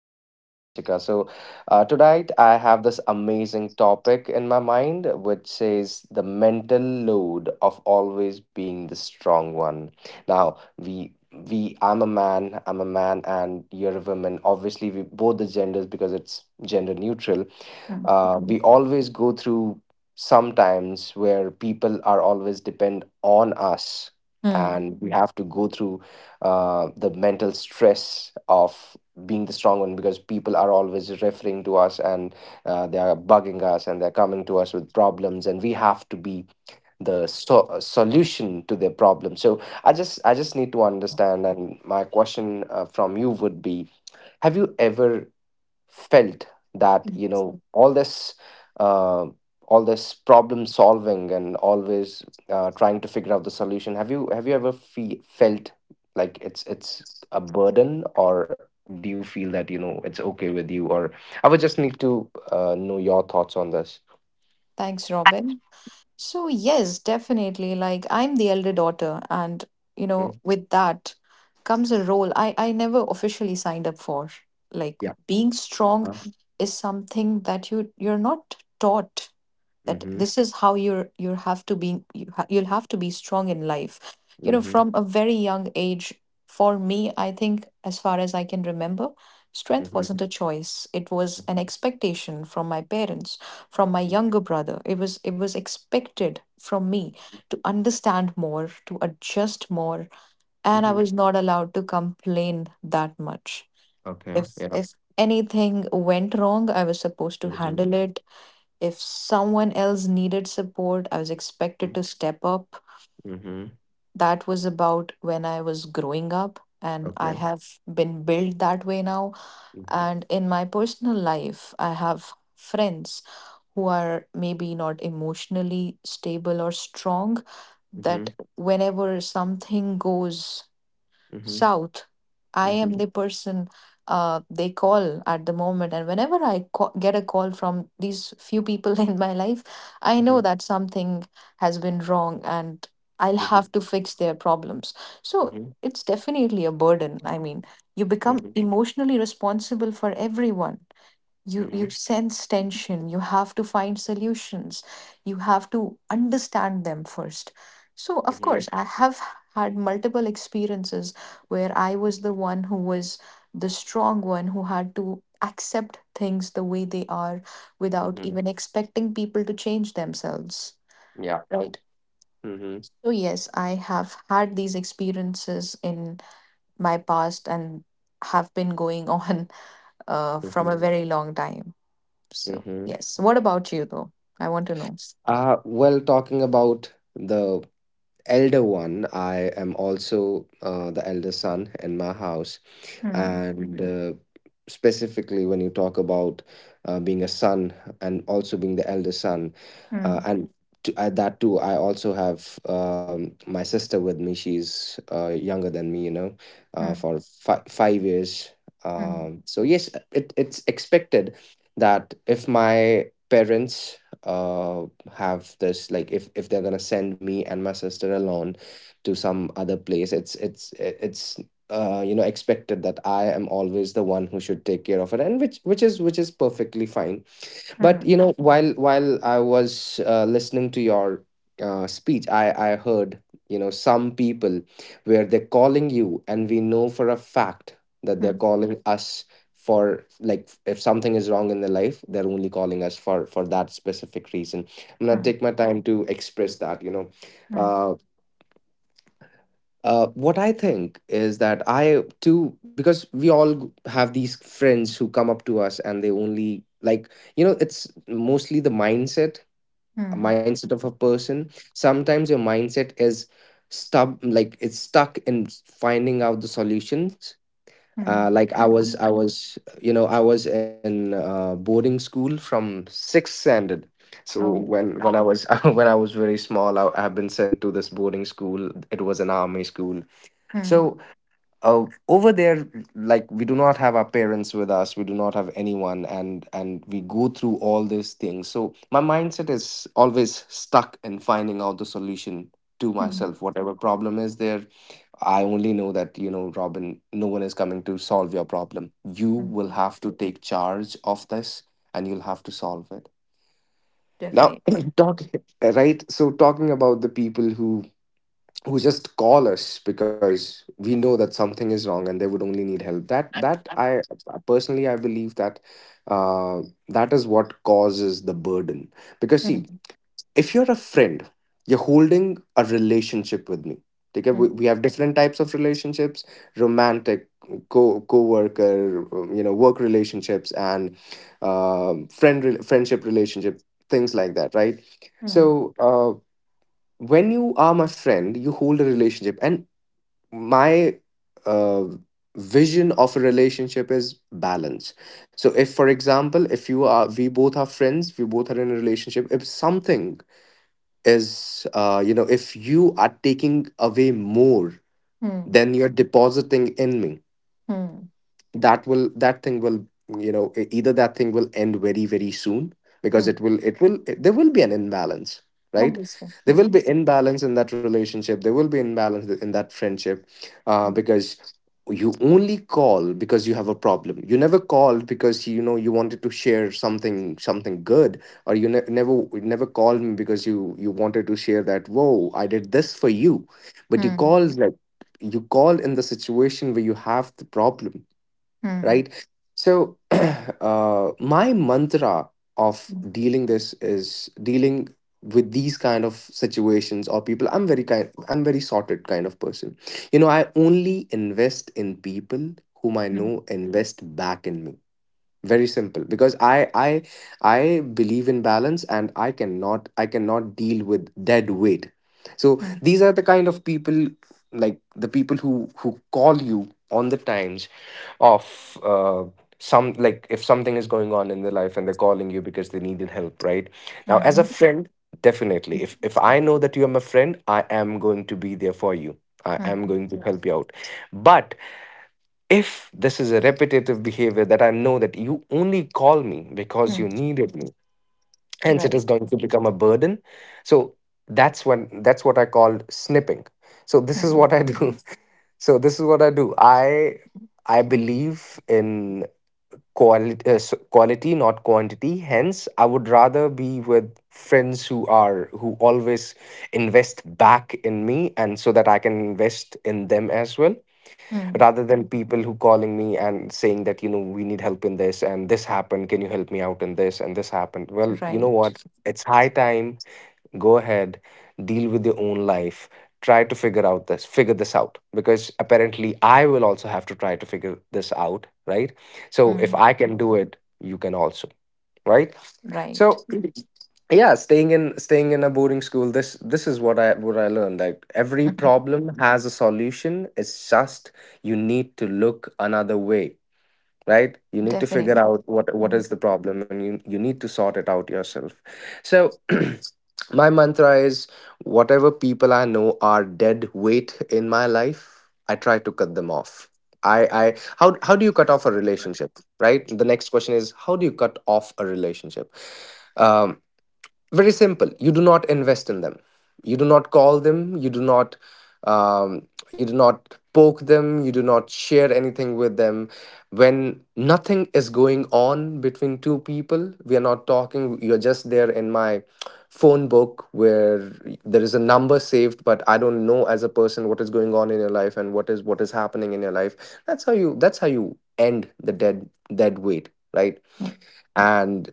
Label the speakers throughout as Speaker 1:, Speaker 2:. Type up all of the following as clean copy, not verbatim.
Speaker 1: You're welcome, Vanshika. So, tonight I have this amazing topic in my mind, which says the mental load of always being the strong one. Now, we I'm a man, and you're a woman. Obviously, we both the genders because it's gender neutral.
Speaker 2: Hmm.
Speaker 1: We always go through sometimes where people are always depend on us,
Speaker 2: Hmm.
Speaker 1: and we have to go through the mental stress of being the strong one because people are always referring to us and they are bugging us and they're coming to us with problems and we have to be the solution to their problem. So I just need to understand, and my question from you would be, have you ever felt that you know uh, all this problem solving and always trying to figure out the solution. Have you ever felt like it's a burden, or do you feel that you know it's okay with you? Or I would just need to know your thoughts on this.
Speaker 2: Thanks, Robin. So, yes, definitely. Like, I'm the elder daughter, and you
Speaker 1: Mhm.
Speaker 2: know, with that comes a role I never officially signed up for. Like,
Speaker 1: Yeah.
Speaker 2: being
Speaker 1: Uh-huh.
Speaker 2: strong is something that you're not taught that
Speaker 1: Mm-hmm.
Speaker 2: this is how you have to be you you'll have to be strong in life, you know,
Speaker 1: Mm-hmm.
Speaker 2: from a very young age. For me, I think as far as I can remember, strength
Speaker 1: Mm-hmm.
Speaker 2: wasn't a choice, it was an
Speaker 1: Mm-hmm.
Speaker 2: expectation from my parents, from my younger brother. It was expected from me to understand more, to adjust more, and I
Speaker 1: Mm-hmm.
Speaker 2: was not allowed to complain that much.
Speaker 1: Okay,
Speaker 2: if
Speaker 1: yeah.
Speaker 2: if anything went wrong, I was supposed to
Speaker 1: Mm-hmm.
Speaker 2: handle it. If someone else needed support, I was expected to step up.
Speaker 1: Mm-hmm.
Speaker 2: That was about when I was growing up, and I
Speaker 1: Okay.
Speaker 2: have been built that way now.
Speaker 1: Mm-hmm.
Speaker 2: And in my personal life, I have friends who are maybe not emotionally stable or strong,
Speaker 1: Mm-hmm.
Speaker 2: that whenever something goes
Speaker 1: Mm-hmm.
Speaker 2: shout. I am the person they call at the moment. And whenever I get a call from these few people in my life, I know that something has been wrong and I'll
Speaker 1: Mm-hmm.
Speaker 2: have to fix their problems. So
Speaker 1: Mhm,
Speaker 2: it's definitely a burden. I mean, you become
Speaker 1: mhm,
Speaker 2: emotionally responsible for everyone. You
Speaker 1: mhm,
Speaker 2: sense tension, you have to find solutions, you have to understand them first. So of
Speaker 1: mhm,
Speaker 2: course I have had multiple experiences where I was the one who was the strong one, who had to accept things the way they are without
Speaker 1: mhm.
Speaker 2: even expecting people to change themselves,
Speaker 1: Yeah.
Speaker 2: right?
Speaker 1: Mhm,
Speaker 2: So yes, I have had these experiences in my past, and have been going on from a
Speaker 1: mhm,
Speaker 2: very long time. So,
Speaker 1: mhm.
Speaker 2: yes. What about you, though? I want to know.
Speaker 1: Well, talking about the elder one, I am also the elder son in my house.
Speaker 2: Hmm.
Speaker 1: And specifically, when you talk about being a son and also being the elder son,
Speaker 2: Hmm.
Speaker 1: and to add that too, I also have my sister with me. She's younger than me, you know, uh,
Speaker 2: Hmm.
Speaker 1: for fi- 5 years.
Speaker 2: Hmm.
Speaker 1: So yes, it's expected that if my parents, uh, have this, like, if they're gonna send me and my sister alone to some other place, it's expected that I am always the one who should take care of it. And which is which is perfectly fine. But
Speaker 2: Hmm.
Speaker 1: you know, while I was listening to your speech, I heard, you know, some people where they're calling you, and we know for a fact that they're
Speaker 2: Hmm.
Speaker 1: calling us for, like, if something is wrong in their life, they're only calling us for that specific reason. I'm gonna
Speaker 2: Hmm.
Speaker 1: take my time to express that. You know,
Speaker 2: Hmm.
Speaker 1: Uh, what I think is that I too, because we all have these friends who come up to us and they only, like, you know, it's mostly the mindset, a
Speaker 2: Hmm.
Speaker 1: mindset of a person. Sometimes your mindset is stub like it's stuck in finding out the solutions.
Speaker 2: Hmm.
Speaker 1: Like I was, you know, I was in boarding school from sixth standard. So
Speaker 2: Oh.
Speaker 1: when I was when I was very small, I have been sent to this boarding school. It was an army school.
Speaker 2: Hmm.
Speaker 1: So over there, like, we do not have our parents with us, we do not have anyone, and we go through all these things. So my mindset is always stuck in finding out the solution to
Speaker 2: Hmm.
Speaker 1: myself, whatever problem is there. I only know that, you know, Robin, no one is coming to solve your problem, you will
Speaker 2: Hmm.
Speaker 1: have to take charge of this and you'll have to solve it now.
Speaker 2: Definitely.
Speaker 1: talk right so talking about the people who just call us because we know that something is wrong and they would only need help, that that I personally I believe that uh, that is what causes the burden. Because,
Speaker 2: Hmm.
Speaker 1: see, if you're a friend, you're holding a relationship with me. Okay,
Speaker 2: Hmm.
Speaker 1: we have different types of relationships: romantic, co co-worker you know, work relationships, and friend friendship relationship, things like that, right?
Speaker 2: Hmm.
Speaker 1: So uh, when you are my friend, you hold a relationship. And my uh, vision of a relationship is balance. So, if, for example, if you are, we both are friends, we both are in a relationship, if something is, you know, if you are taking away more
Speaker 2: Hmm.
Speaker 1: than you're depositing in me,
Speaker 2: Hmm.
Speaker 1: that thing will, you know, either that thing will end very, very soon, because
Speaker 2: Hmm.
Speaker 1: there will be an imbalance, right?
Speaker 2: Obviously.
Speaker 1: There
Speaker 2: Hmm.
Speaker 1: will be imbalance in that relationship, there will be imbalance in that friendship,
Speaker 2: Hmm.
Speaker 1: because you only call because you have a problem. You never called because, you know, you wanted to share something, something good. Or you never called me because you wanted to share that, whoa, I did this for you. But you
Speaker 2: Hmm.
Speaker 1: called, like, you call in the situation where you have the problem,
Speaker 2: Hmm.
Speaker 1: right? So my mantra of
Speaker 2: Hmm.
Speaker 1: dealing this is dealing with these kind of situations or people, I'm very kind, I'm very sorted kind of person. You know, I only invest in people whom I
Speaker 2: Hmm.
Speaker 1: know invest back in me. Very simple, because I believe in balance and I cannot deal with dead weight. So
Speaker 2: Hmm.
Speaker 1: these are the kind of people, like the people who call you on the times of some, like, if something is going on in their life and they're calling you because they needed help, right? Now, as a
Speaker 2: Hmm.
Speaker 1: friend, definitely, if I know that you're my friend, I am going to be there for you, I
Speaker 2: Hmm.
Speaker 1: am going to help you out. But if this is a repetitive behavior that I know that you only call me because
Speaker 2: Hmm.
Speaker 1: you needed me, hence it is
Speaker 2: Right.
Speaker 1: going to become a burden. So that's when, that's what I call snipping. So this is
Speaker 2: Hmm.
Speaker 1: what I do. So this is what I do. I believe in quality, quality, not quantity. Hence, I would rather be with friends who are who always invest back in me, and so that I can invest in them as well,
Speaker 2: Hmm.
Speaker 1: rather than people who calling me and saying that, you know, we need help in this and this happened, can you help me out in this and this happened. Well, you know
Speaker 2: Right.
Speaker 1: what, it's high time, go ahead, deal with your own life, try to figure out this, figure this out, because apparently I will also have to try to figure this out, right? So if
Speaker 2: Hmm.
Speaker 1: I can do it, you can also, right?
Speaker 2: Right.
Speaker 1: So yeah, staying in a boarding school, this is what I learned, that every problem has a solution. It's just you need to look another way, right? You need to figure
Speaker 2: Definitely.
Speaker 1: out what is the problem and you need to sort it out yourself. So my mantra is, whatever people I know are dead weight in my life, I try to cut them off. I I how do you cut off a relationship, right? The next question is, how do you cut off a relationship? Um, Very simple, you do not invest in them, you do not call them, um, you do not poke them, you do not share anything with them. When nothing is going on between two people, we are not talking, you're just there in my phone book where there is a number saved, but I don't know as a person what is going on in your life and what is happening in your life. That's how you, that's how you end the dead weight, right?
Speaker 2: Hmm.
Speaker 1: And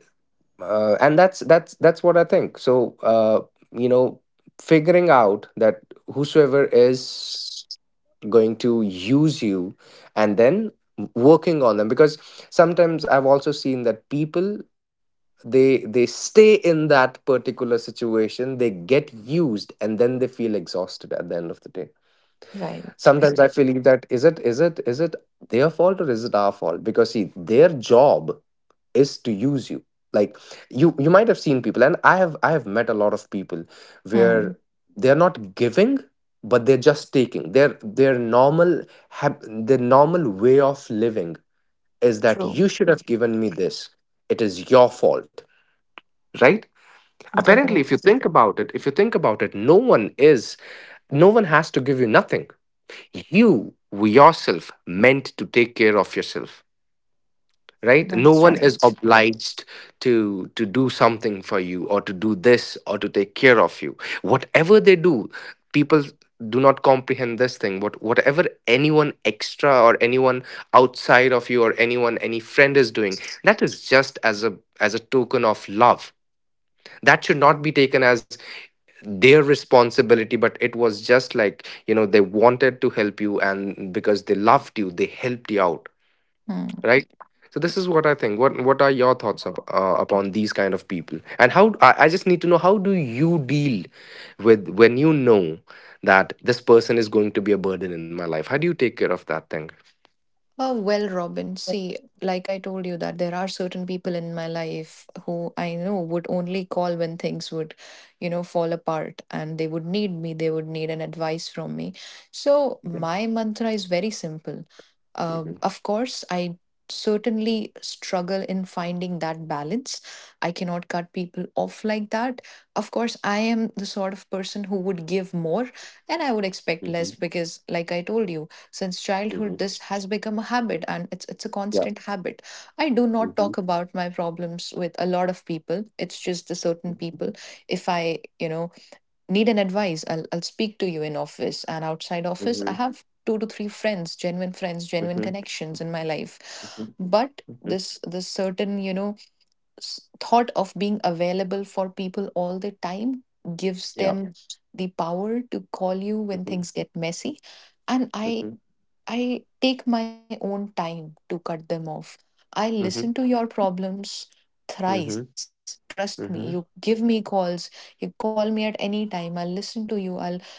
Speaker 1: and that's what I think. So you know, figuring out that whosoever is going to use you and then working on them, because sometimes I've also seen that people, they stay in that particular situation, they get used, and then they feel exhausted at the end of the day.
Speaker 2: Right.
Speaker 1: Sometimes I feel, that is it their fault or is it our fault? Because, see, their job is to use you. Like, you might have seen people, and I have met a lot of people
Speaker 2: Hmm.
Speaker 1: where they're not giving, but they're just taking. Their normal their normal way of living is that
Speaker 2: True.
Speaker 1: you should have given me this, it is your fault, right? Apparently, if you
Speaker 2: Definitely.
Speaker 1: think about it, if you think about it no one is, no one has to give you nothing. You yourself meant to take care of yourself, right? No
Speaker 2: That's
Speaker 1: one is
Speaker 2: right.
Speaker 1: obliged to do something for you or to do this or to take care of you. Whatever they do, people do not comprehend this thing. Whatever anyone extra or anyone outside of you or anyone any friend is doing, that is just as a, as a token of love. That should not be taken as their responsibility, but it was just like, you know, they wanted to help you, and because they loved you, they helped you out,
Speaker 2: Hmm.
Speaker 1: right? So this is what I think. What are your thoughts upon these kind of people, and how I just need to know, how do you deal with when you know that this person is going to be a burden in my life? How do you take care of that
Speaker 2: Oh, well, Robin, see, like I told you, that there are certain people in my life who I know would only call when things would, you know, fall apart and they would need me, they would need an advice from me. So,
Speaker 1: thing?
Speaker 2: my mantra is very simple. Of course, I certainly struggle in finding that balance. I cannot cut people off like that. Of course, I am the sort of person who would give more and I would expect
Speaker 3: Mhm.
Speaker 2: less because, like I told you, since
Speaker 3: Mhm.
Speaker 2: childhood this has become a habit and it's a
Speaker 3: Ja.
Speaker 2: constant habit. I do not
Speaker 3: Mhm.
Speaker 2: talk about my problems with a lot of people, it's just the certain
Speaker 3: Mhm.
Speaker 2: people. If I, you know, need an advice, I'll speak to you in office, and outside
Speaker 3: Mhm.
Speaker 2: office I have 2 to 3 friends, genuine friends,
Speaker 3: Mhm.
Speaker 2: genuine connections in my life. But
Speaker 3: Mhm.
Speaker 2: this certain, you know, thought of being available for people all the time gives
Speaker 3: Ja.
Speaker 2: them the power to call you when
Speaker 3: Mhm.
Speaker 2: things get messy, and
Speaker 3: Mhm.
Speaker 2: I take my own time to cut them off. I
Speaker 3: Mhm.
Speaker 2: listen to your problems
Speaker 3: Mhm. Mhm.
Speaker 2: thrice. Trust me. You give me calls. You call me at any time. I'll listen to you. I'll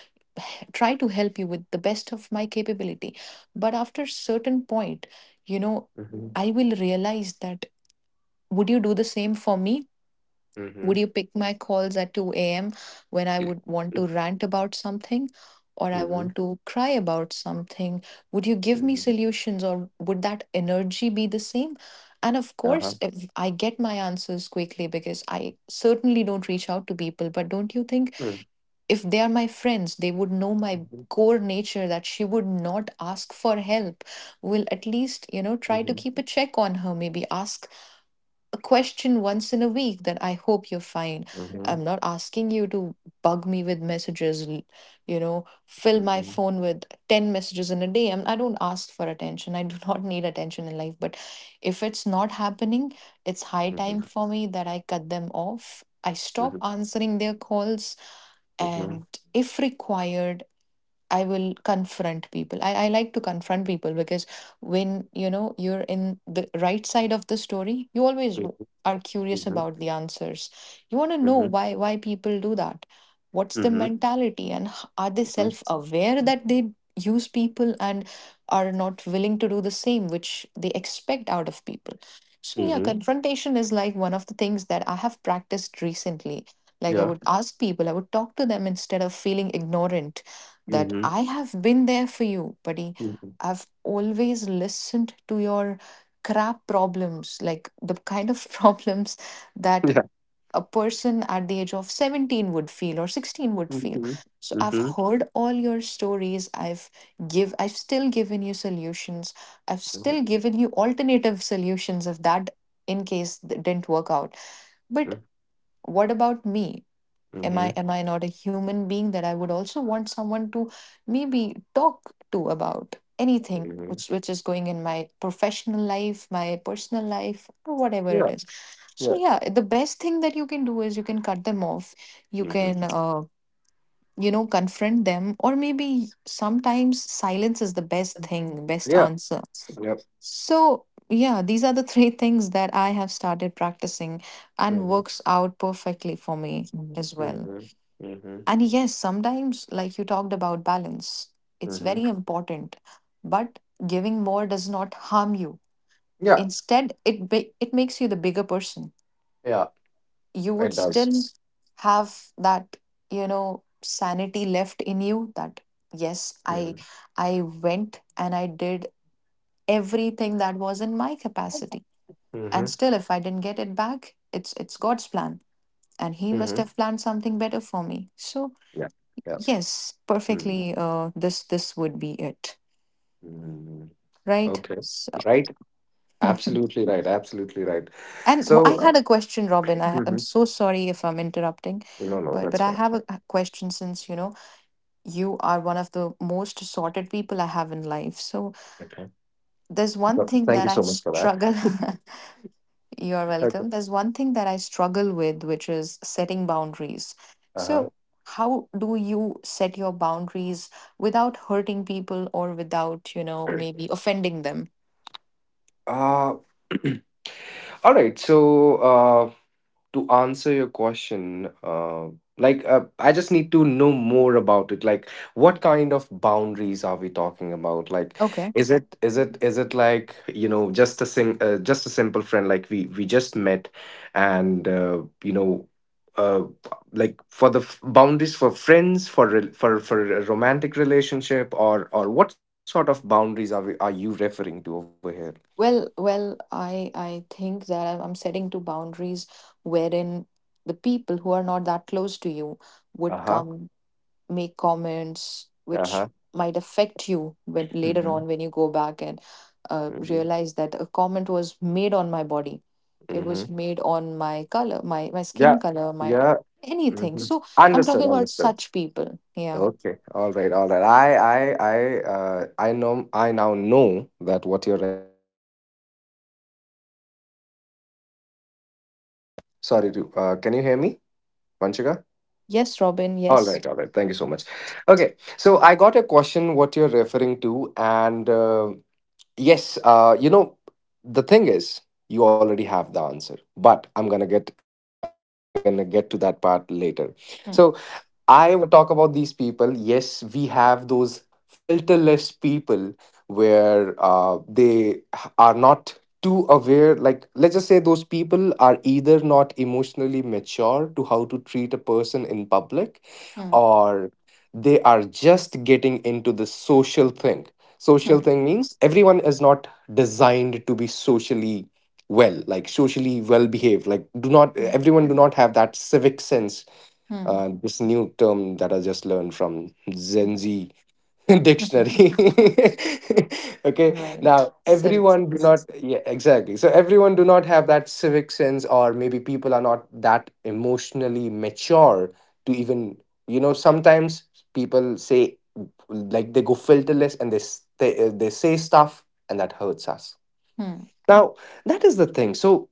Speaker 2: try to help you with the best of my capability. But after certain point, you know, I will realize that would you do the same for me?
Speaker 3: Mhm.
Speaker 2: Would you pick my calls at 2 a.m. when I would
Speaker 3: Mhm.
Speaker 2: want to rant about something, or I
Speaker 3: Mhm.
Speaker 2: want to cry about something? Would you give me
Speaker 3: Mhm.
Speaker 2: solutions, or would that energy be the same?
Speaker 3: Aha. Mhm. Mhm. Mhm. Mhm. Mhm. Mhm. Mhm.
Speaker 2: And of
Speaker 3: Mhm. Mhm. Mhm. Mhm.
Speaker 2: course, if I get my answers quickly because I certainly don't reach out to people. But don't you think
Speaker 3: Mhm.
Speaker 2: if they are my friends, they would know my core nature that she would not ask for help? Will at least, you know, try to keep a check on her, maybe ask question once in a week that I hope you're fine. I'm not asking you to bug me with messages, you know, fill my phone with 10 messages in a day. I don't ask for attention. I do not need attention in life. But if it's not happening, it's high time for me that I cut them off. I stop answering their calls.
Speaker 3: Mhm.
Speaker 2: And if required, I will confront people. I like to confront people because when you know you're in the right side of the story, you always are curious about the answers. You want to know why people do that. What's the mentality, and are they self-aware that they use people and are not willing to do the same which they expect out of people? So yeah, confrontation is like one of the things that I have practiced recently. Like I
Speaker 3: Ja.
Speaker 2: would ask people, I would talk to them instead of feeling ignorant that
Speaker 3: Mhm.
Speaker 2: I have been there for you, buddy.
Speaker 3: Mhm.
Speaker 2: I've always listened to your crap problems, like the kind of problems that
Speaker 3: Yeah.
Speaker 2: a person at the age of 17 would feel or 16 would
Speaker 3: Mhm.
Speaker 2: feel.
Speaker 3: Mhm.
Speaker 2: So I've
Speaker 3: Mhm.
Speaker 2: heard all your stories. I've give I've still given you solutions. I've
Speaker 3: Mhm.
Speaker 2: still given you alternative solutions if that in case didn't work out. But what about me?
Speaker 3: Mhm.
Speaker 2: am i
Speaker 3: Mhm.
Speaker 2: am i not a human being that I would also want someone to maybe talk to about anything which is going in my professional life, my personal life, or whatever
Speaker 3: Ja.
Speaker 2: it is? So
Speaker 3: Ja.
Speaker 2: yeah, the best thing that you can do is you can cut them off, you
Speaker 3: Mhm.
Speaker 2: can you know, confront them, or maybe sometimes silence is the best thing, best
Speaker 3: Yeah.
Speaker 2: answer.
Speaker 3: Yep.
Speaker 2: So yeah, these are the three things that I have started practicing, and
Speaker 3: Mhm.
Speaker 2: works out perfectly for me
Speaker 3: Mhm.
Speaker 2: as well.
Speaker 3: Mhm. Mhm.
Speaker 2: And yes, sometimes, like you talked about balance, it's
Speaker 3: Mhm.
Speaker 2: very important. But giving more does not harm you.
Speaker 3: Yeah.
Speaker 2: Instead, it it makes you the bigger person.
Speaker 3: Yeah.
Speaker 2: You would
Speaker 3: It
Speaker 2: still
Speaker 3: does.
Speaker 2: have that, you know, sanity left in you that yes, I
Speaker 3: Mhm.
Speaker 2: I went and I did everything that was in my capacity. And
Speaker 3: Mhm.
Speaker 2: still if I didn't get it back, it's God's plan. And he
Speaker 3: Mhm.
Speaker 2: must have planned something better for me. So
Speaker 3: Yeah. Yeah.
Speaker 2: yes,
Speaker 3: Mhm.
Speaker 2: perfectly. This this would be it,
Speaker 3: Mhm.
Speaker 2: right?
Speaker 3: Okay.
Speaker 2: So,
Speaker 3: Right.
Speaker 2: and
Speaker 3: Absolutely right. Absolutely right.
Speaker 2: I
Speaker 3: So,
Speaker 2: had a question, Robin. I'm
Speaker 3: mhm.
Speaker 2: so sorry if I'm interrupting,
Speaker 3: No, no,
Speaker 2: but
Speaker 3: that's
Speaker 2: I
Speaker 3: fine.
Speaker 2: have a question since you know you are one of the most sorted people I have in life. So
Speaker 3: Okay.
Speaker 2: there's one
Speaker 3: Well,
Speaker 2: thing
Speaker 3: thank
Speaker 2: that
Speaker 3: you
Speaker 2: I
Speaker 3: so much for that.
Speaker 2: struggle. You're
Speaker 3: Okay.
Speaker 2: welcome. There's one thing that I struggle with, which is setting boundaries.
Speaker 3: Uh-huh.
Speaker 2: So how do you set your boundaries without hurting people or without, you know, maybe offending them?
Speaker 3: Uh, all right. So, to answer your question, I just need to know more about it. Like, what kind of boundaries are we talking about? Like,
Speaker 2: Okay.
Speaker 3: is it like just a sing just a simple friend, like we just met, and. Uh, like for the boundaries for friends, for for a romantic relationship, or what sort of boundaries are you referring to over here?
Speaker 2: Well, well, I think that I'm setting two boundaries wherein the people who are not that close to you would
Speaker 3: Uh-huh.
Speaker 2: come make comments which
Speaker 3: Uh-huh.
Speaker 2: might affect you when later
Speaker 3: Mm-hmm.
Speaker 2: on when you go back and
Speaker 3: Mm-hmm.
Speaker 2: realize that a comment was made on my body. It
Speaker 3: Mm-hmm.
Speaker 2: was made on my color, my
Speaker 3: Yeah.
Speaker 2: skin color, my
Speaker 3: Yeah.
Speaker 2: anything.
Speaker 3: Mhm.
Speaker 2: So I'm
Speaker 3: Understood,
Speaker 2: talking about
Speaker 3: understood.
Speaker 2: such people. Yeah.
Speaker 3: Okay, all right, all right. I know. I now know that what you're sorry to, can you hear me, Vanshika?
Speaker 2: Yes, Robin.
Speaker 3: All
Speaker 2: Yes.
Speaker 3: right, all right. Thank you so much. Okay, so I got a question what you're referring to, and yes, the thing is, you already have the answer, but I'm gonna get to that part later. So
Speaker 2: Hmm.
Speaker 3: I want to talk about these people. Yes, we have those filterless people, where they are not too aware. Like, let's just say those people are either not emotionally mature to how to treat a person in public,
Speaker 2: Hmm.
Speaker 3: or they are just getting into the social thing. Social
Speaker 2: Hmm.
Speaker 3: thing means everyone is not designed to be socially well, like socially well behaved. Like, do not, everyone do not have that civic sense.
Speaker 2: Hmm.
Speaker 3: This new term that I just learned from Gen Z
Speaker 2: Hmm.
Speaker 3: dictionary. Okay,
Speaker 2: Right.
Speaker 3: now
Speaker 2: Civic
Speaker 3: everyone do
Speaker 2: sense.
Speaker 3: not, yeah, exactly. So everyone do not have that civic sense, or maybe people are not that emotionally mature to even, sometimes people say, like, they go filterless and they say stuff and that hurts us.
Speaker 2: Hmm.
Speaker 3: Now, that is the thing. So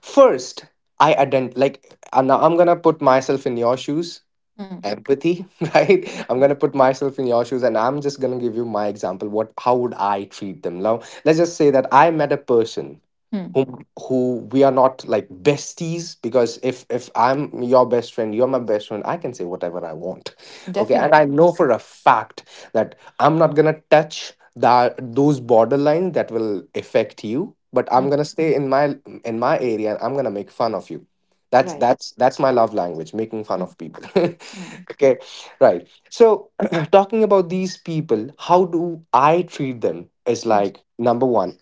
Speaker 3: first, I ident now I'm gonna put myself in your shoes,
Speaker 2: Hmm.
Speaker 3: empathy. Right, I'm going to put myself in your shoes, and I'm just going to give you my example, what, how would I treat them. Now let's just say that I met a person,
Speaker 2: Hmm.
Speaker 3: whom, who we are not like besties, because if I'm your best friend, you're my best friend, I can say whatever I want. Okay, and I
Speaker 2: Definitely.
Speaker 3: know for a fact that I'm not gonna touch that, those borderlines that will affect you, but
Speaker 2: Hmm.
Speaker 3: I'm gonna stay in my, in my area, and I'm gonna make fun of you. that's
Speaker 2: Right.
Speaker 3: that's that's my love language, making fun
Speaker 2: Hmm.
Speaker 3: of people.
Speaker 2: Hmm.
Speaker 3: Okay, right, so talking about these people, how do I treat them is
Speaker 2: Hmm.
Speaker 3: like number one.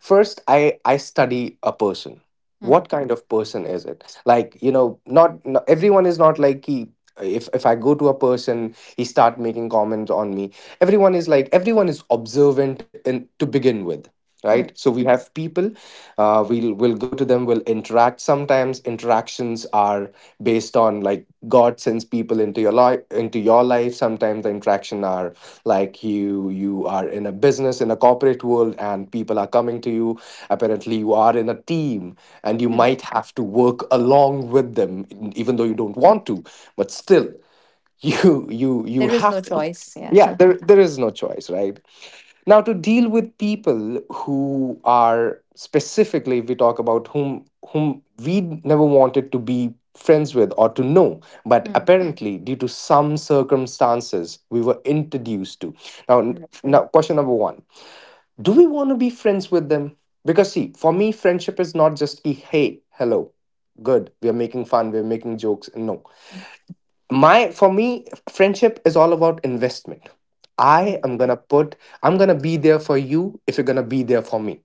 Speaker 3: First, I study a person.
Speaker 2: Hmm.
Speaker 3: What kind of person is it? Like you know, not everyone is not like he. If I go to a person, he start making comments on me. Everyone is like everyone is observant in to begin with, right.
Speaker 2: Hmm.
Speaker 3: So we have people, we'll go to them, we'll interact. Sometimes interactions are based on, like, God sends people into your life, sometimes the interaction are like you are in a business, in a corporate world, and people are coming to you. Apparently you are in a team, and you
Speaker 2: Hmm.
Speaker 3: might have to work along with them, even though you
Speaker 2: Right.
Speaker 3: don't want to, but still you
Speaker 2: There is no
Speaker 3: have to.
Speaker 2: choice.
Speaker 3: Yeah,
Speaker 2: Yeah.
Speaker 3: there is no choice, right. Now, to deal with people who are specifically, if we talk about whom, we never wanted to be friends with or to know, but
Speaker 2: Hmm.
Speaker 3: apparently due to some circumstances we were introduced to. Now,
Speaker 2: Right.
Speaker 3: question number 1, do we want to be friends with them? Because see, for me, friendship is not just a hey hello, good, we are making fun, we are making jokes. No,
Speaker 2: Hmm.
Speaker 3: my for me friendship is all about investment.
Speaker 2: Right.
Speaker 3: i am going to put I'm going to be there for you if you're going to be there for me.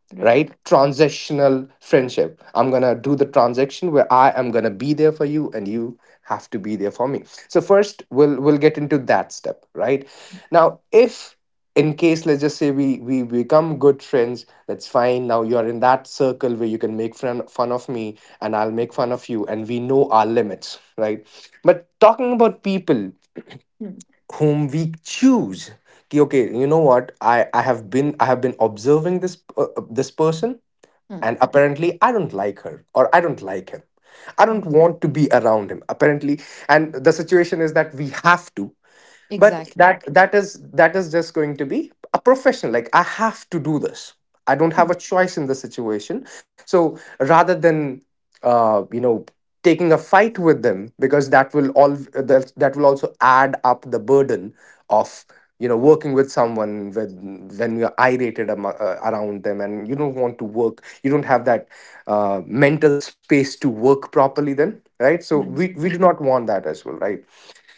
Speaker 2: Right.
Speaker 3: Right, transactional friendship. I'm gonna do the transaction where I am gonna be there for you and you have to be there for me. So first, we'll get into that step, right. Now if, in case, let's just say we become good friends, that's fine. Now you're in that circle where you can make fun of me and I'll make fun of you, and we know our limits, right. But talking about people
Speaker 2: Hmm.
Speaker 3: whom we choose, ki, okay, you know what, I have been I have been observing this, this person.
Speaker 2: Hmm.
Speaker 3: And apparently I don't like her or I don't like him, I
Speaker 2: Hmm.
Speaker 3: don't want to be around him apparently, and the situation is that we have to. But
Speaker 2: Exactly.
Speaker 3: that is just going to be a profession, like I have to do this. I don't have
Speaker 2: Hmm.
Speaker 3: a choice in the situation. So rather than, uh, you know taking a fight with them, because that will all that will also add up the burden of working with someone, when you're irated around them, and you don't want to work, you don't have that mental space to work properly then, right. So
Speaker 2: Hmm.
Speaker 3: we do not want that as well, right.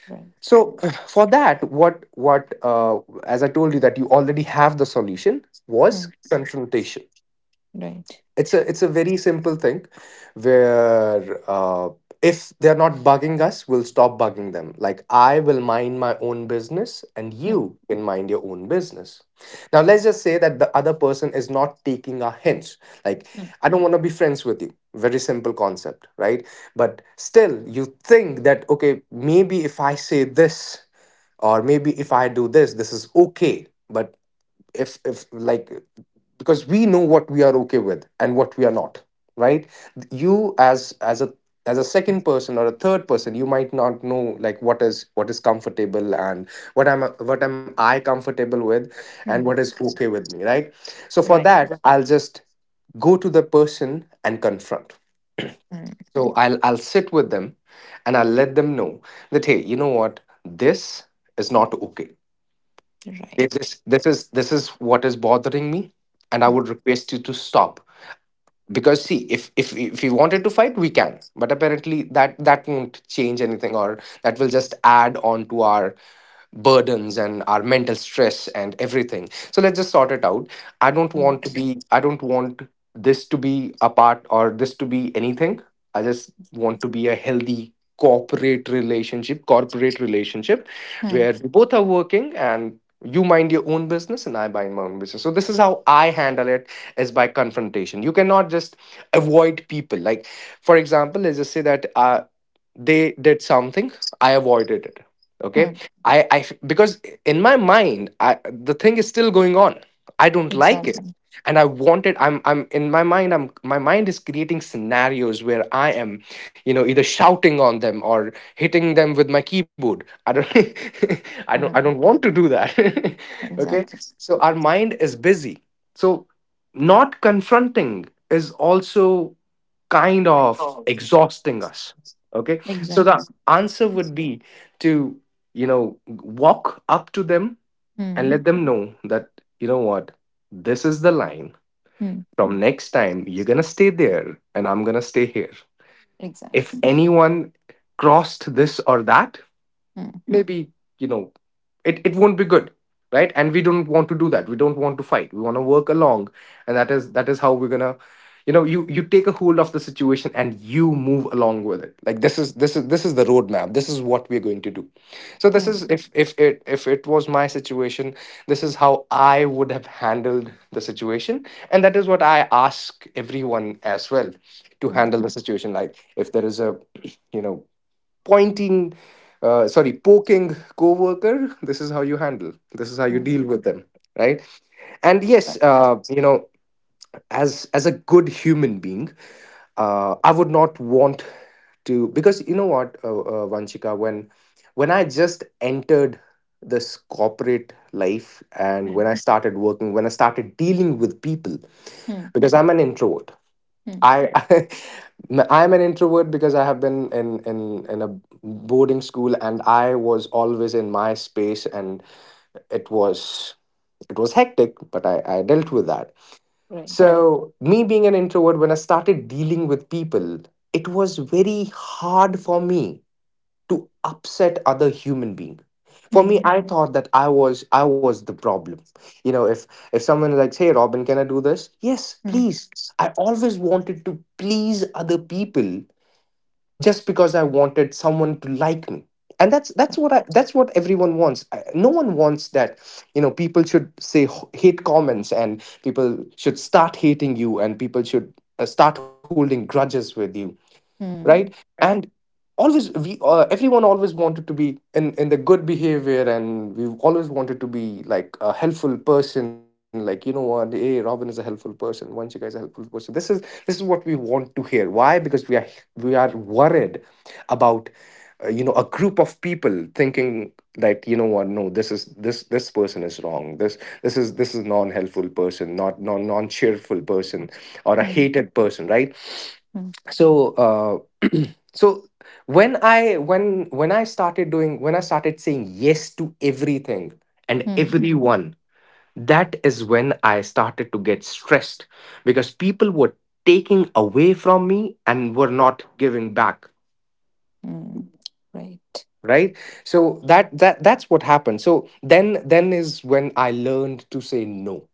Speaker 2: Right.
Speaker 3: So for that, what, as I told you, that you already have the solution,
Speaker 2: Hmm.
Speaker 3: was confrontation.
Speaker 2: Right.
Speaker 3: It's a very simple thing where, if they're not bugging us, we'll stop bugging them. Like, I will mind my own business, and
Speaker 2: Hmm.
Speaker 3: you can mind your own business. Now let's just say that the other person is not taking our hints, like,
Speaker 2: Hmm.
Speaker 3: I don't want to be friends with you, very simple concept, right. But still you think that, okay, maybe if I say this, or maybe if I do this, this is okay. But if like, because we know what we are okay with and what we are not, right. You as, as a second person or a third person, you might not know, like, what is comfortable, and what am what am I comfortable with, and what
Speaker 2: Hmm.
Speaker 3: is okay with me, right. So for
Speaker 2: Right.
Speaker 3: that, I'll just go to the person and confront.
Speaker 2: Hmm.
Speaker 3: So I'll sit with them and I'll let them know that, hey, you know what, this is not okay.
Speaker 2: Right.
Speaker 3: If this is what is bothering me, and I
Speaker 2: Hmm.
Speaker 3: would request you to stop. Because see, if we wanted to fight we can, but apparently that won't change anything, or that will just add on to our burdens and our mental stress and everything. So let's just sort it out.
Speaker 2: Right.
Speaker 3: I don't want this to be a part, or this to be anything. I just want to be a healthy corporate relationship,
Speaker 2: Hmm.
Speaker 3: where we both are working and you mind your own business and I mind my own business. So this is how I handle it, is by confrontation. You cannot just avoid people. Like, for example, let's just say that, they did something, I avoided it, okay.
Speaker 2: Hmm.
Speaker 3: I Because in my mind, the thing is still going on, I don't like it.
Speaker 2: Exactly.
Speaker 3: And I'm in my mind, I'm my mind is creating scenarios where I am, either shouting on them or hitting them with my keyboard. I don't I don't
Speaker 2: Hmm.
Speaker 3: want to do that. Okay.
Speaker 2: Exactly.
Speaker 3: So our mind is busy, so not confronting is also kind of exhausting us, okay. So
Speaker 2: Exactly.
Speaker 3: the
Speaker 2: Exactly.
Speaker 3: answer would be to, walk up to them, and let
Speaker 2: Hmm.
Speaker 3: them know that, you know what, this is the line.
Speaker 2: Hmm.
Speaker 3: From next time, you're going to stay there and I'm going to stay here. If
Speaker 2: Exactly.
Speaker 3: anyone crossed this or that,
Speaker 2: Hmm.
Speaker 3: maybe you know it won't be good, right? And we don't want to do that. We don't want to fight, we want to work along, and that is how we're gonna, you take a hold of the situation and you move along with it. Like this is the roadmap, this is what we're going to do. So this is,
Speaker 2: Hmm.
Speaker 3: if it was my situation, this is how I would have handled the situation, and that is what I ask everyone as well, to
Speaker 2: Hmm.
Speaker 3: handle the situation. Like if there is a, you know pointing sorry poking coworker, this is how you handle, this is how you deal
Speaker 2: Mm,
Speaker 3: with them, right? And yes,
Speaker 2: right.
Speaker 3: as a good human being, I would not want to, because you know what, Vanchika, when when I just entered this corporate life, and when
Speaker 2: Hmm.
Speaker 3: I started working, when I started dealing with people,
Speaker 2: Hmm.
Speaker 3: because I'm an introvert.
Speaker 2: Hmm.
Speaker 3: I I'm an introvert because I have been in a boarding school, and I was always in my space. And it was, it was hectic, but I dealt with that. Right.
Speaker 2: Right.
Speaker 3: So me being an introvert, when I started dealing with people, it was very hard for me to upset other human being. For me,
Speaker 2: Hmm.
Speaker 3: I thought that I was the problem. You know, if someone is like, hey Robin, can I do this? Yes,
Speaker 2: Hmm.
Speaker 3: please. I always wanted to please other people, just because I wanted someone to like me. And that's what I that's what everyone wants. No one wants that, you know, people should say hate comments, and people should start hating you, and people should start holding grudges with you, right?
Speaker 2: Hmm.
Speaker 3: And always we, everyone always wanted to be in the good behavior, and we've always wanted to be like a helpful person, like, you know what, hey Robin is a helpful person, once you guys a helpful person, this is what we want to hear. Why? Because we are worried about, a group of people thinking that, you know what, no, this person is wrong, this is non-helpful person, not non-cheerful person, or a
Speaker 2: Hmm.
Speaker 3: hated person, right?
Speaker 2: Hmm.
Speaker 3: So so when I started doing, when I started saying yes to everything and
Speaker 2: Hmm.
Speaker 3: everyone, that is when I started to get stressed, because people were taking away from me and were not giving back,
Speaker 2: Mm, right.
Speaker 3: right? So that's what happened. So then is when I learned to say no.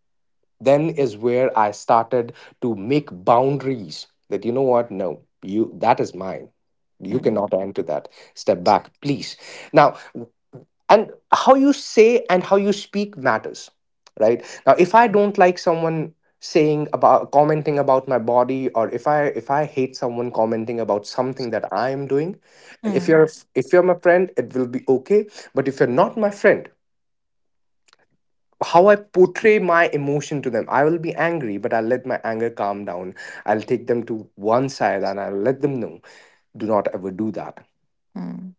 Speaker 3: Then is where I started to make boundaries, that you know what, no, you, that is mine, you
Speaker 2: Hmm.
Speaker 3: cannot enter that. Step back, please. Now, and how you say and how you speak matters. Right now, if I don't like someone saying about, commenting about my body, or if I hate someone commenting about something that I am doing, and if
Speaker 2: Hmm.
Speaker 3: you're, if you're my friend, it will be okay, but if you're not my friend, how I portray my emotion to them. I will be angry, but I'll let my anger calm down. I'll take them to one side and I'll let them know, do not ever do that.
Speaker 2: Hmm.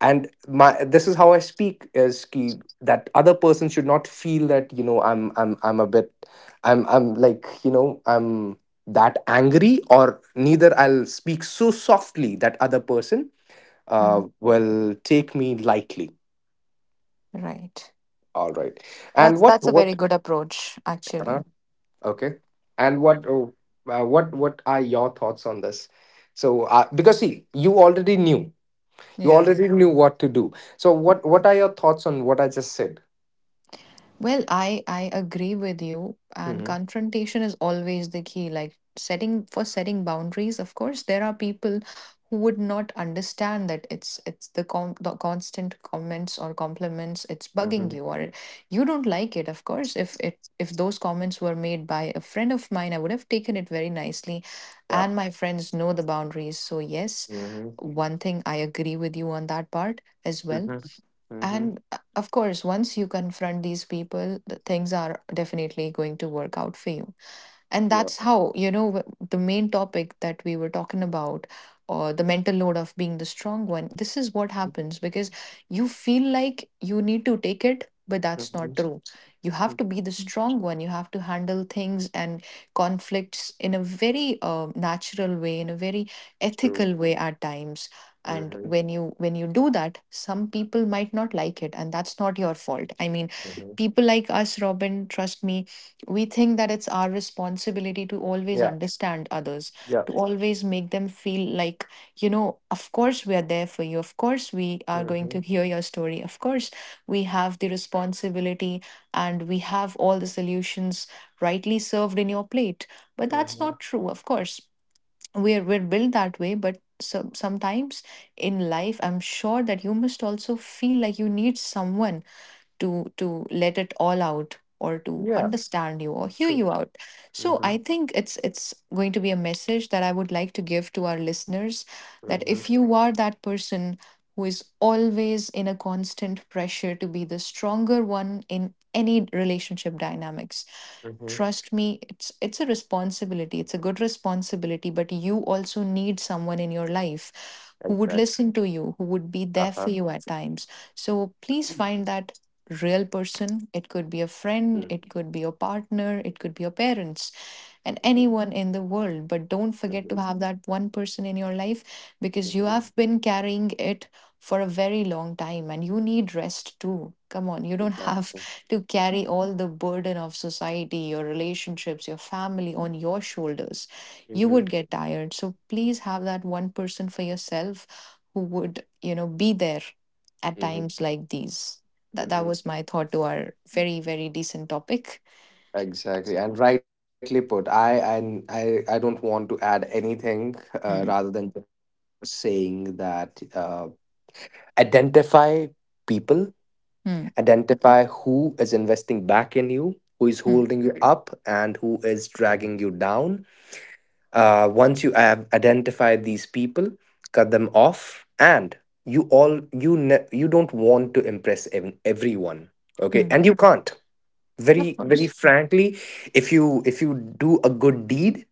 Speaker 3: And my, this is how I speak is ki, that other person should not feel that, you know, I'm a bit, I'm like, you know, I'm that angry, or neither I'll speak so softly that other person
Speaker 2: Hmm.
Speaker 3: will take me lightly.
Speaker 2: Right.
Speaker 3: All right. And what
Speaker 2: That's a very
Speaker 3: what?
Speaker 2: good approach,
Speaker 3: Huh?
Speaker 2: actually.
Speaker 3: Okay. And what, what are your thoughts on this? So because see, you already knew. You
Speaker 2: Yeah.
Speaker 3: already knew what to do. So what are your thoughts on what I just said?
Speaker 2: Well, I agree with you, and
Speaker 3: Mm-hmm.
Speaker 2: confrontation is always the key. Like setting for setting boundaries, of course, there are people who would not understand that it's the the constant comments or compliments, it's bugging
Speaker 3: Mm-hmm.
Speaker 2: you or you don't like it. Of course, if it if those comments were made by a friend of mine, I would have taken it very nicely,
Speaker 3: Yeah.
Speaker 2: and my friends know the boundaries. So yes,
Speaker 3: Mm-hmm.
Speaker 2: one thing I agree with you on that part as well,
Speaker 3: Mm-hmm. Mm-hmm.
Speaker 2: and of course, once you confront these people, the things are definitely going to work out for you, and
Speaker 3: Yeah.
Speaker 2: that's how, you know, the main topic that we were talking about, or the mental load of being the strong one, this is what happens because you feel like you need to take it, but that's
Speaker 3: Mm-hmm.
Speaker 2: not true. You have to be the strong one, you have to handle things and conflicts in a very natural way, in a very
Speaker 3: True.
Speaker 2: ethical way at times. And
Speaker 3: Mm-hmm.
Speaker 2: when you do that, some people might not like it, and that's not your fault. I mean,
Speaker 3: Mm-hmm.
Speaker 2: people like us, Robin, trust me, we think that it's our responsibility to always
Speaker 3: Yeah.
Speaker 2: understand others,
Speaker 3: Yeah.
Speaker 2: to always make them feel like, you know, of course we are there for you. Of course we are going to
Speaker 3: Mm-hmm.
Speaker 2: hear your story. Of course we have the responsibility and we have all the solutions rightly served in your plate. But that's
Speaker 3: Mm-hmm.
Speaker 2: not true, of course. We're built that way, but so, sometimes in life, I'm sure that you must also feel like you need someone to let it all out, or to
Speaker 3: Yeah.
Speaker 2: understand you, or hear
Speaker 3: True.
Speaker 2: you out. So
Speaker 3: Mm-hmm.
Speaker 2: I think it's going to be a message that I would like to give to our listeners, that if
Speaker 3: Mm-hmm.
Speaker 2: you are that person who is always in a constant pressure to be the stronger one in any relationship dynamics,
Speaker 3: Mm-hmm.
Speaker 2: trust me, it's a responsibility, it's a good responsibility, but you also need someone in your life who would
Speaker 3: Exactly.
Speaker 2: listen to you, who would be there for
Speaker 3: Uh-huh.
Speaker 2: you at times. So please find that real person. It could be a friend, it could be your partner, it could be your parents, and
Speaker 3: Mm-hmm.
Speaker 2: anyone in the world. But don't forget to
Speaker 3: Mm-hmm.
Speaker 2: have that one person in your life, because you
Speaker 3: Mm-hmm.
Speaker 2: have been carrying it for a very long time and you need rest too. Come on, you don't have
Speaker 3: Exactly.
Speaker 2: to carry all the burden of society, your relationships, your family on your shoulders. You
Speaker 3: Mm-hmm.
Speaker 2: would get tired. So please have that one person for yourself who would, you know, be there at
Speaker 3: Mm-hmm.
Speaker 2: times like these. That that
Speaker 3: Mhm.
Speaker 2: was my thought to our very very decent topic.
Speaker 3: Exactly, and rightly put. I, and I don't want to add anything, rather
Speaker 2: Hmm.
Speaker 3: than just saying that, identify people,
Speaker 2: Hmm.
Speaker 3: identify who is investing back in you, who is
Speaker 2: Hmm.
Speaker 3: holding you up, and who is dragging you down. Once you have identified these people, cut them off, and you, all you don't want to impress everyone, okay?
Speaker 2: Hmm.
Speaker 3: And you can't.
Speaker 2: Of
Speaker 3: Very very
Speaker 2: course.
Speaker 3: frankly, if you do a good deed,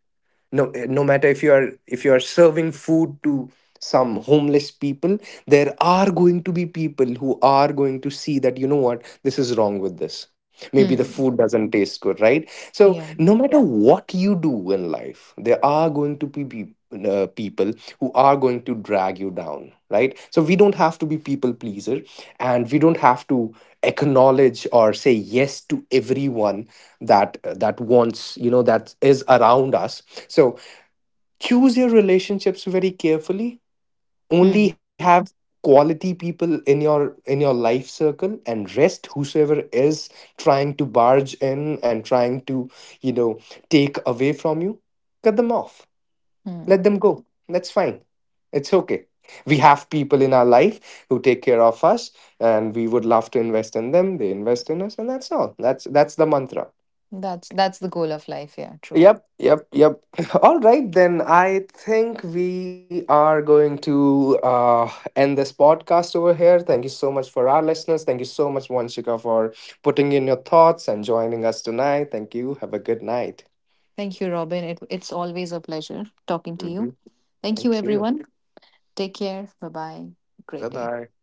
Speaker 3: no, no matter if you are serving food to some homeless people, there are going to be people who are going to see that, you know what, this is wrong with this, maybe the food
Speaker 2: Hmm.
Speaker 3: doesn't taste good, right? So
Speaker 2: Yeah.
Speaker 3: no matter what you do in life, there are going to be people who are going to drag you down, right? So we don't have to be people pleaser, and we don't have to acknowledge or say yes to everyone, that that wants, that is around us. So choose your relationships very carefully. Only
Speaker 2: Hmm.
Speaker 3: have quality people in your life circle, and rest whosoever is trying to barge in and trying to, you know take away from you, cut them off,
Speaker 2: Hmm.
Speaker 3: let them go, that's fine, it's okay. We have people in our life who take care of us, and we would love to invest in them, they invest in us, and that's all, that's the mantra.
Speaker 2: That's the goal of life. Yeah. True.
Speaker 3: Yep, yep, yep. All right, then I think we are going to end this podcast over here. Thank you so much for our listeners. Thank you so much, Wanshika, for putting in your thoughts and joining us tonight. Thank you. Have a good night.
Speaker 2: Thank you, Robin. It's always a pleasure talking to you.
Speaker 3: Hmm.
Speaker 2: Thank you,
Speaker 3: Thank you.
Speaker 2: everyone. Take care. Bye bye. Great
Speaker 3: Bye
Speaker 2: day.
Speaker 3: bye.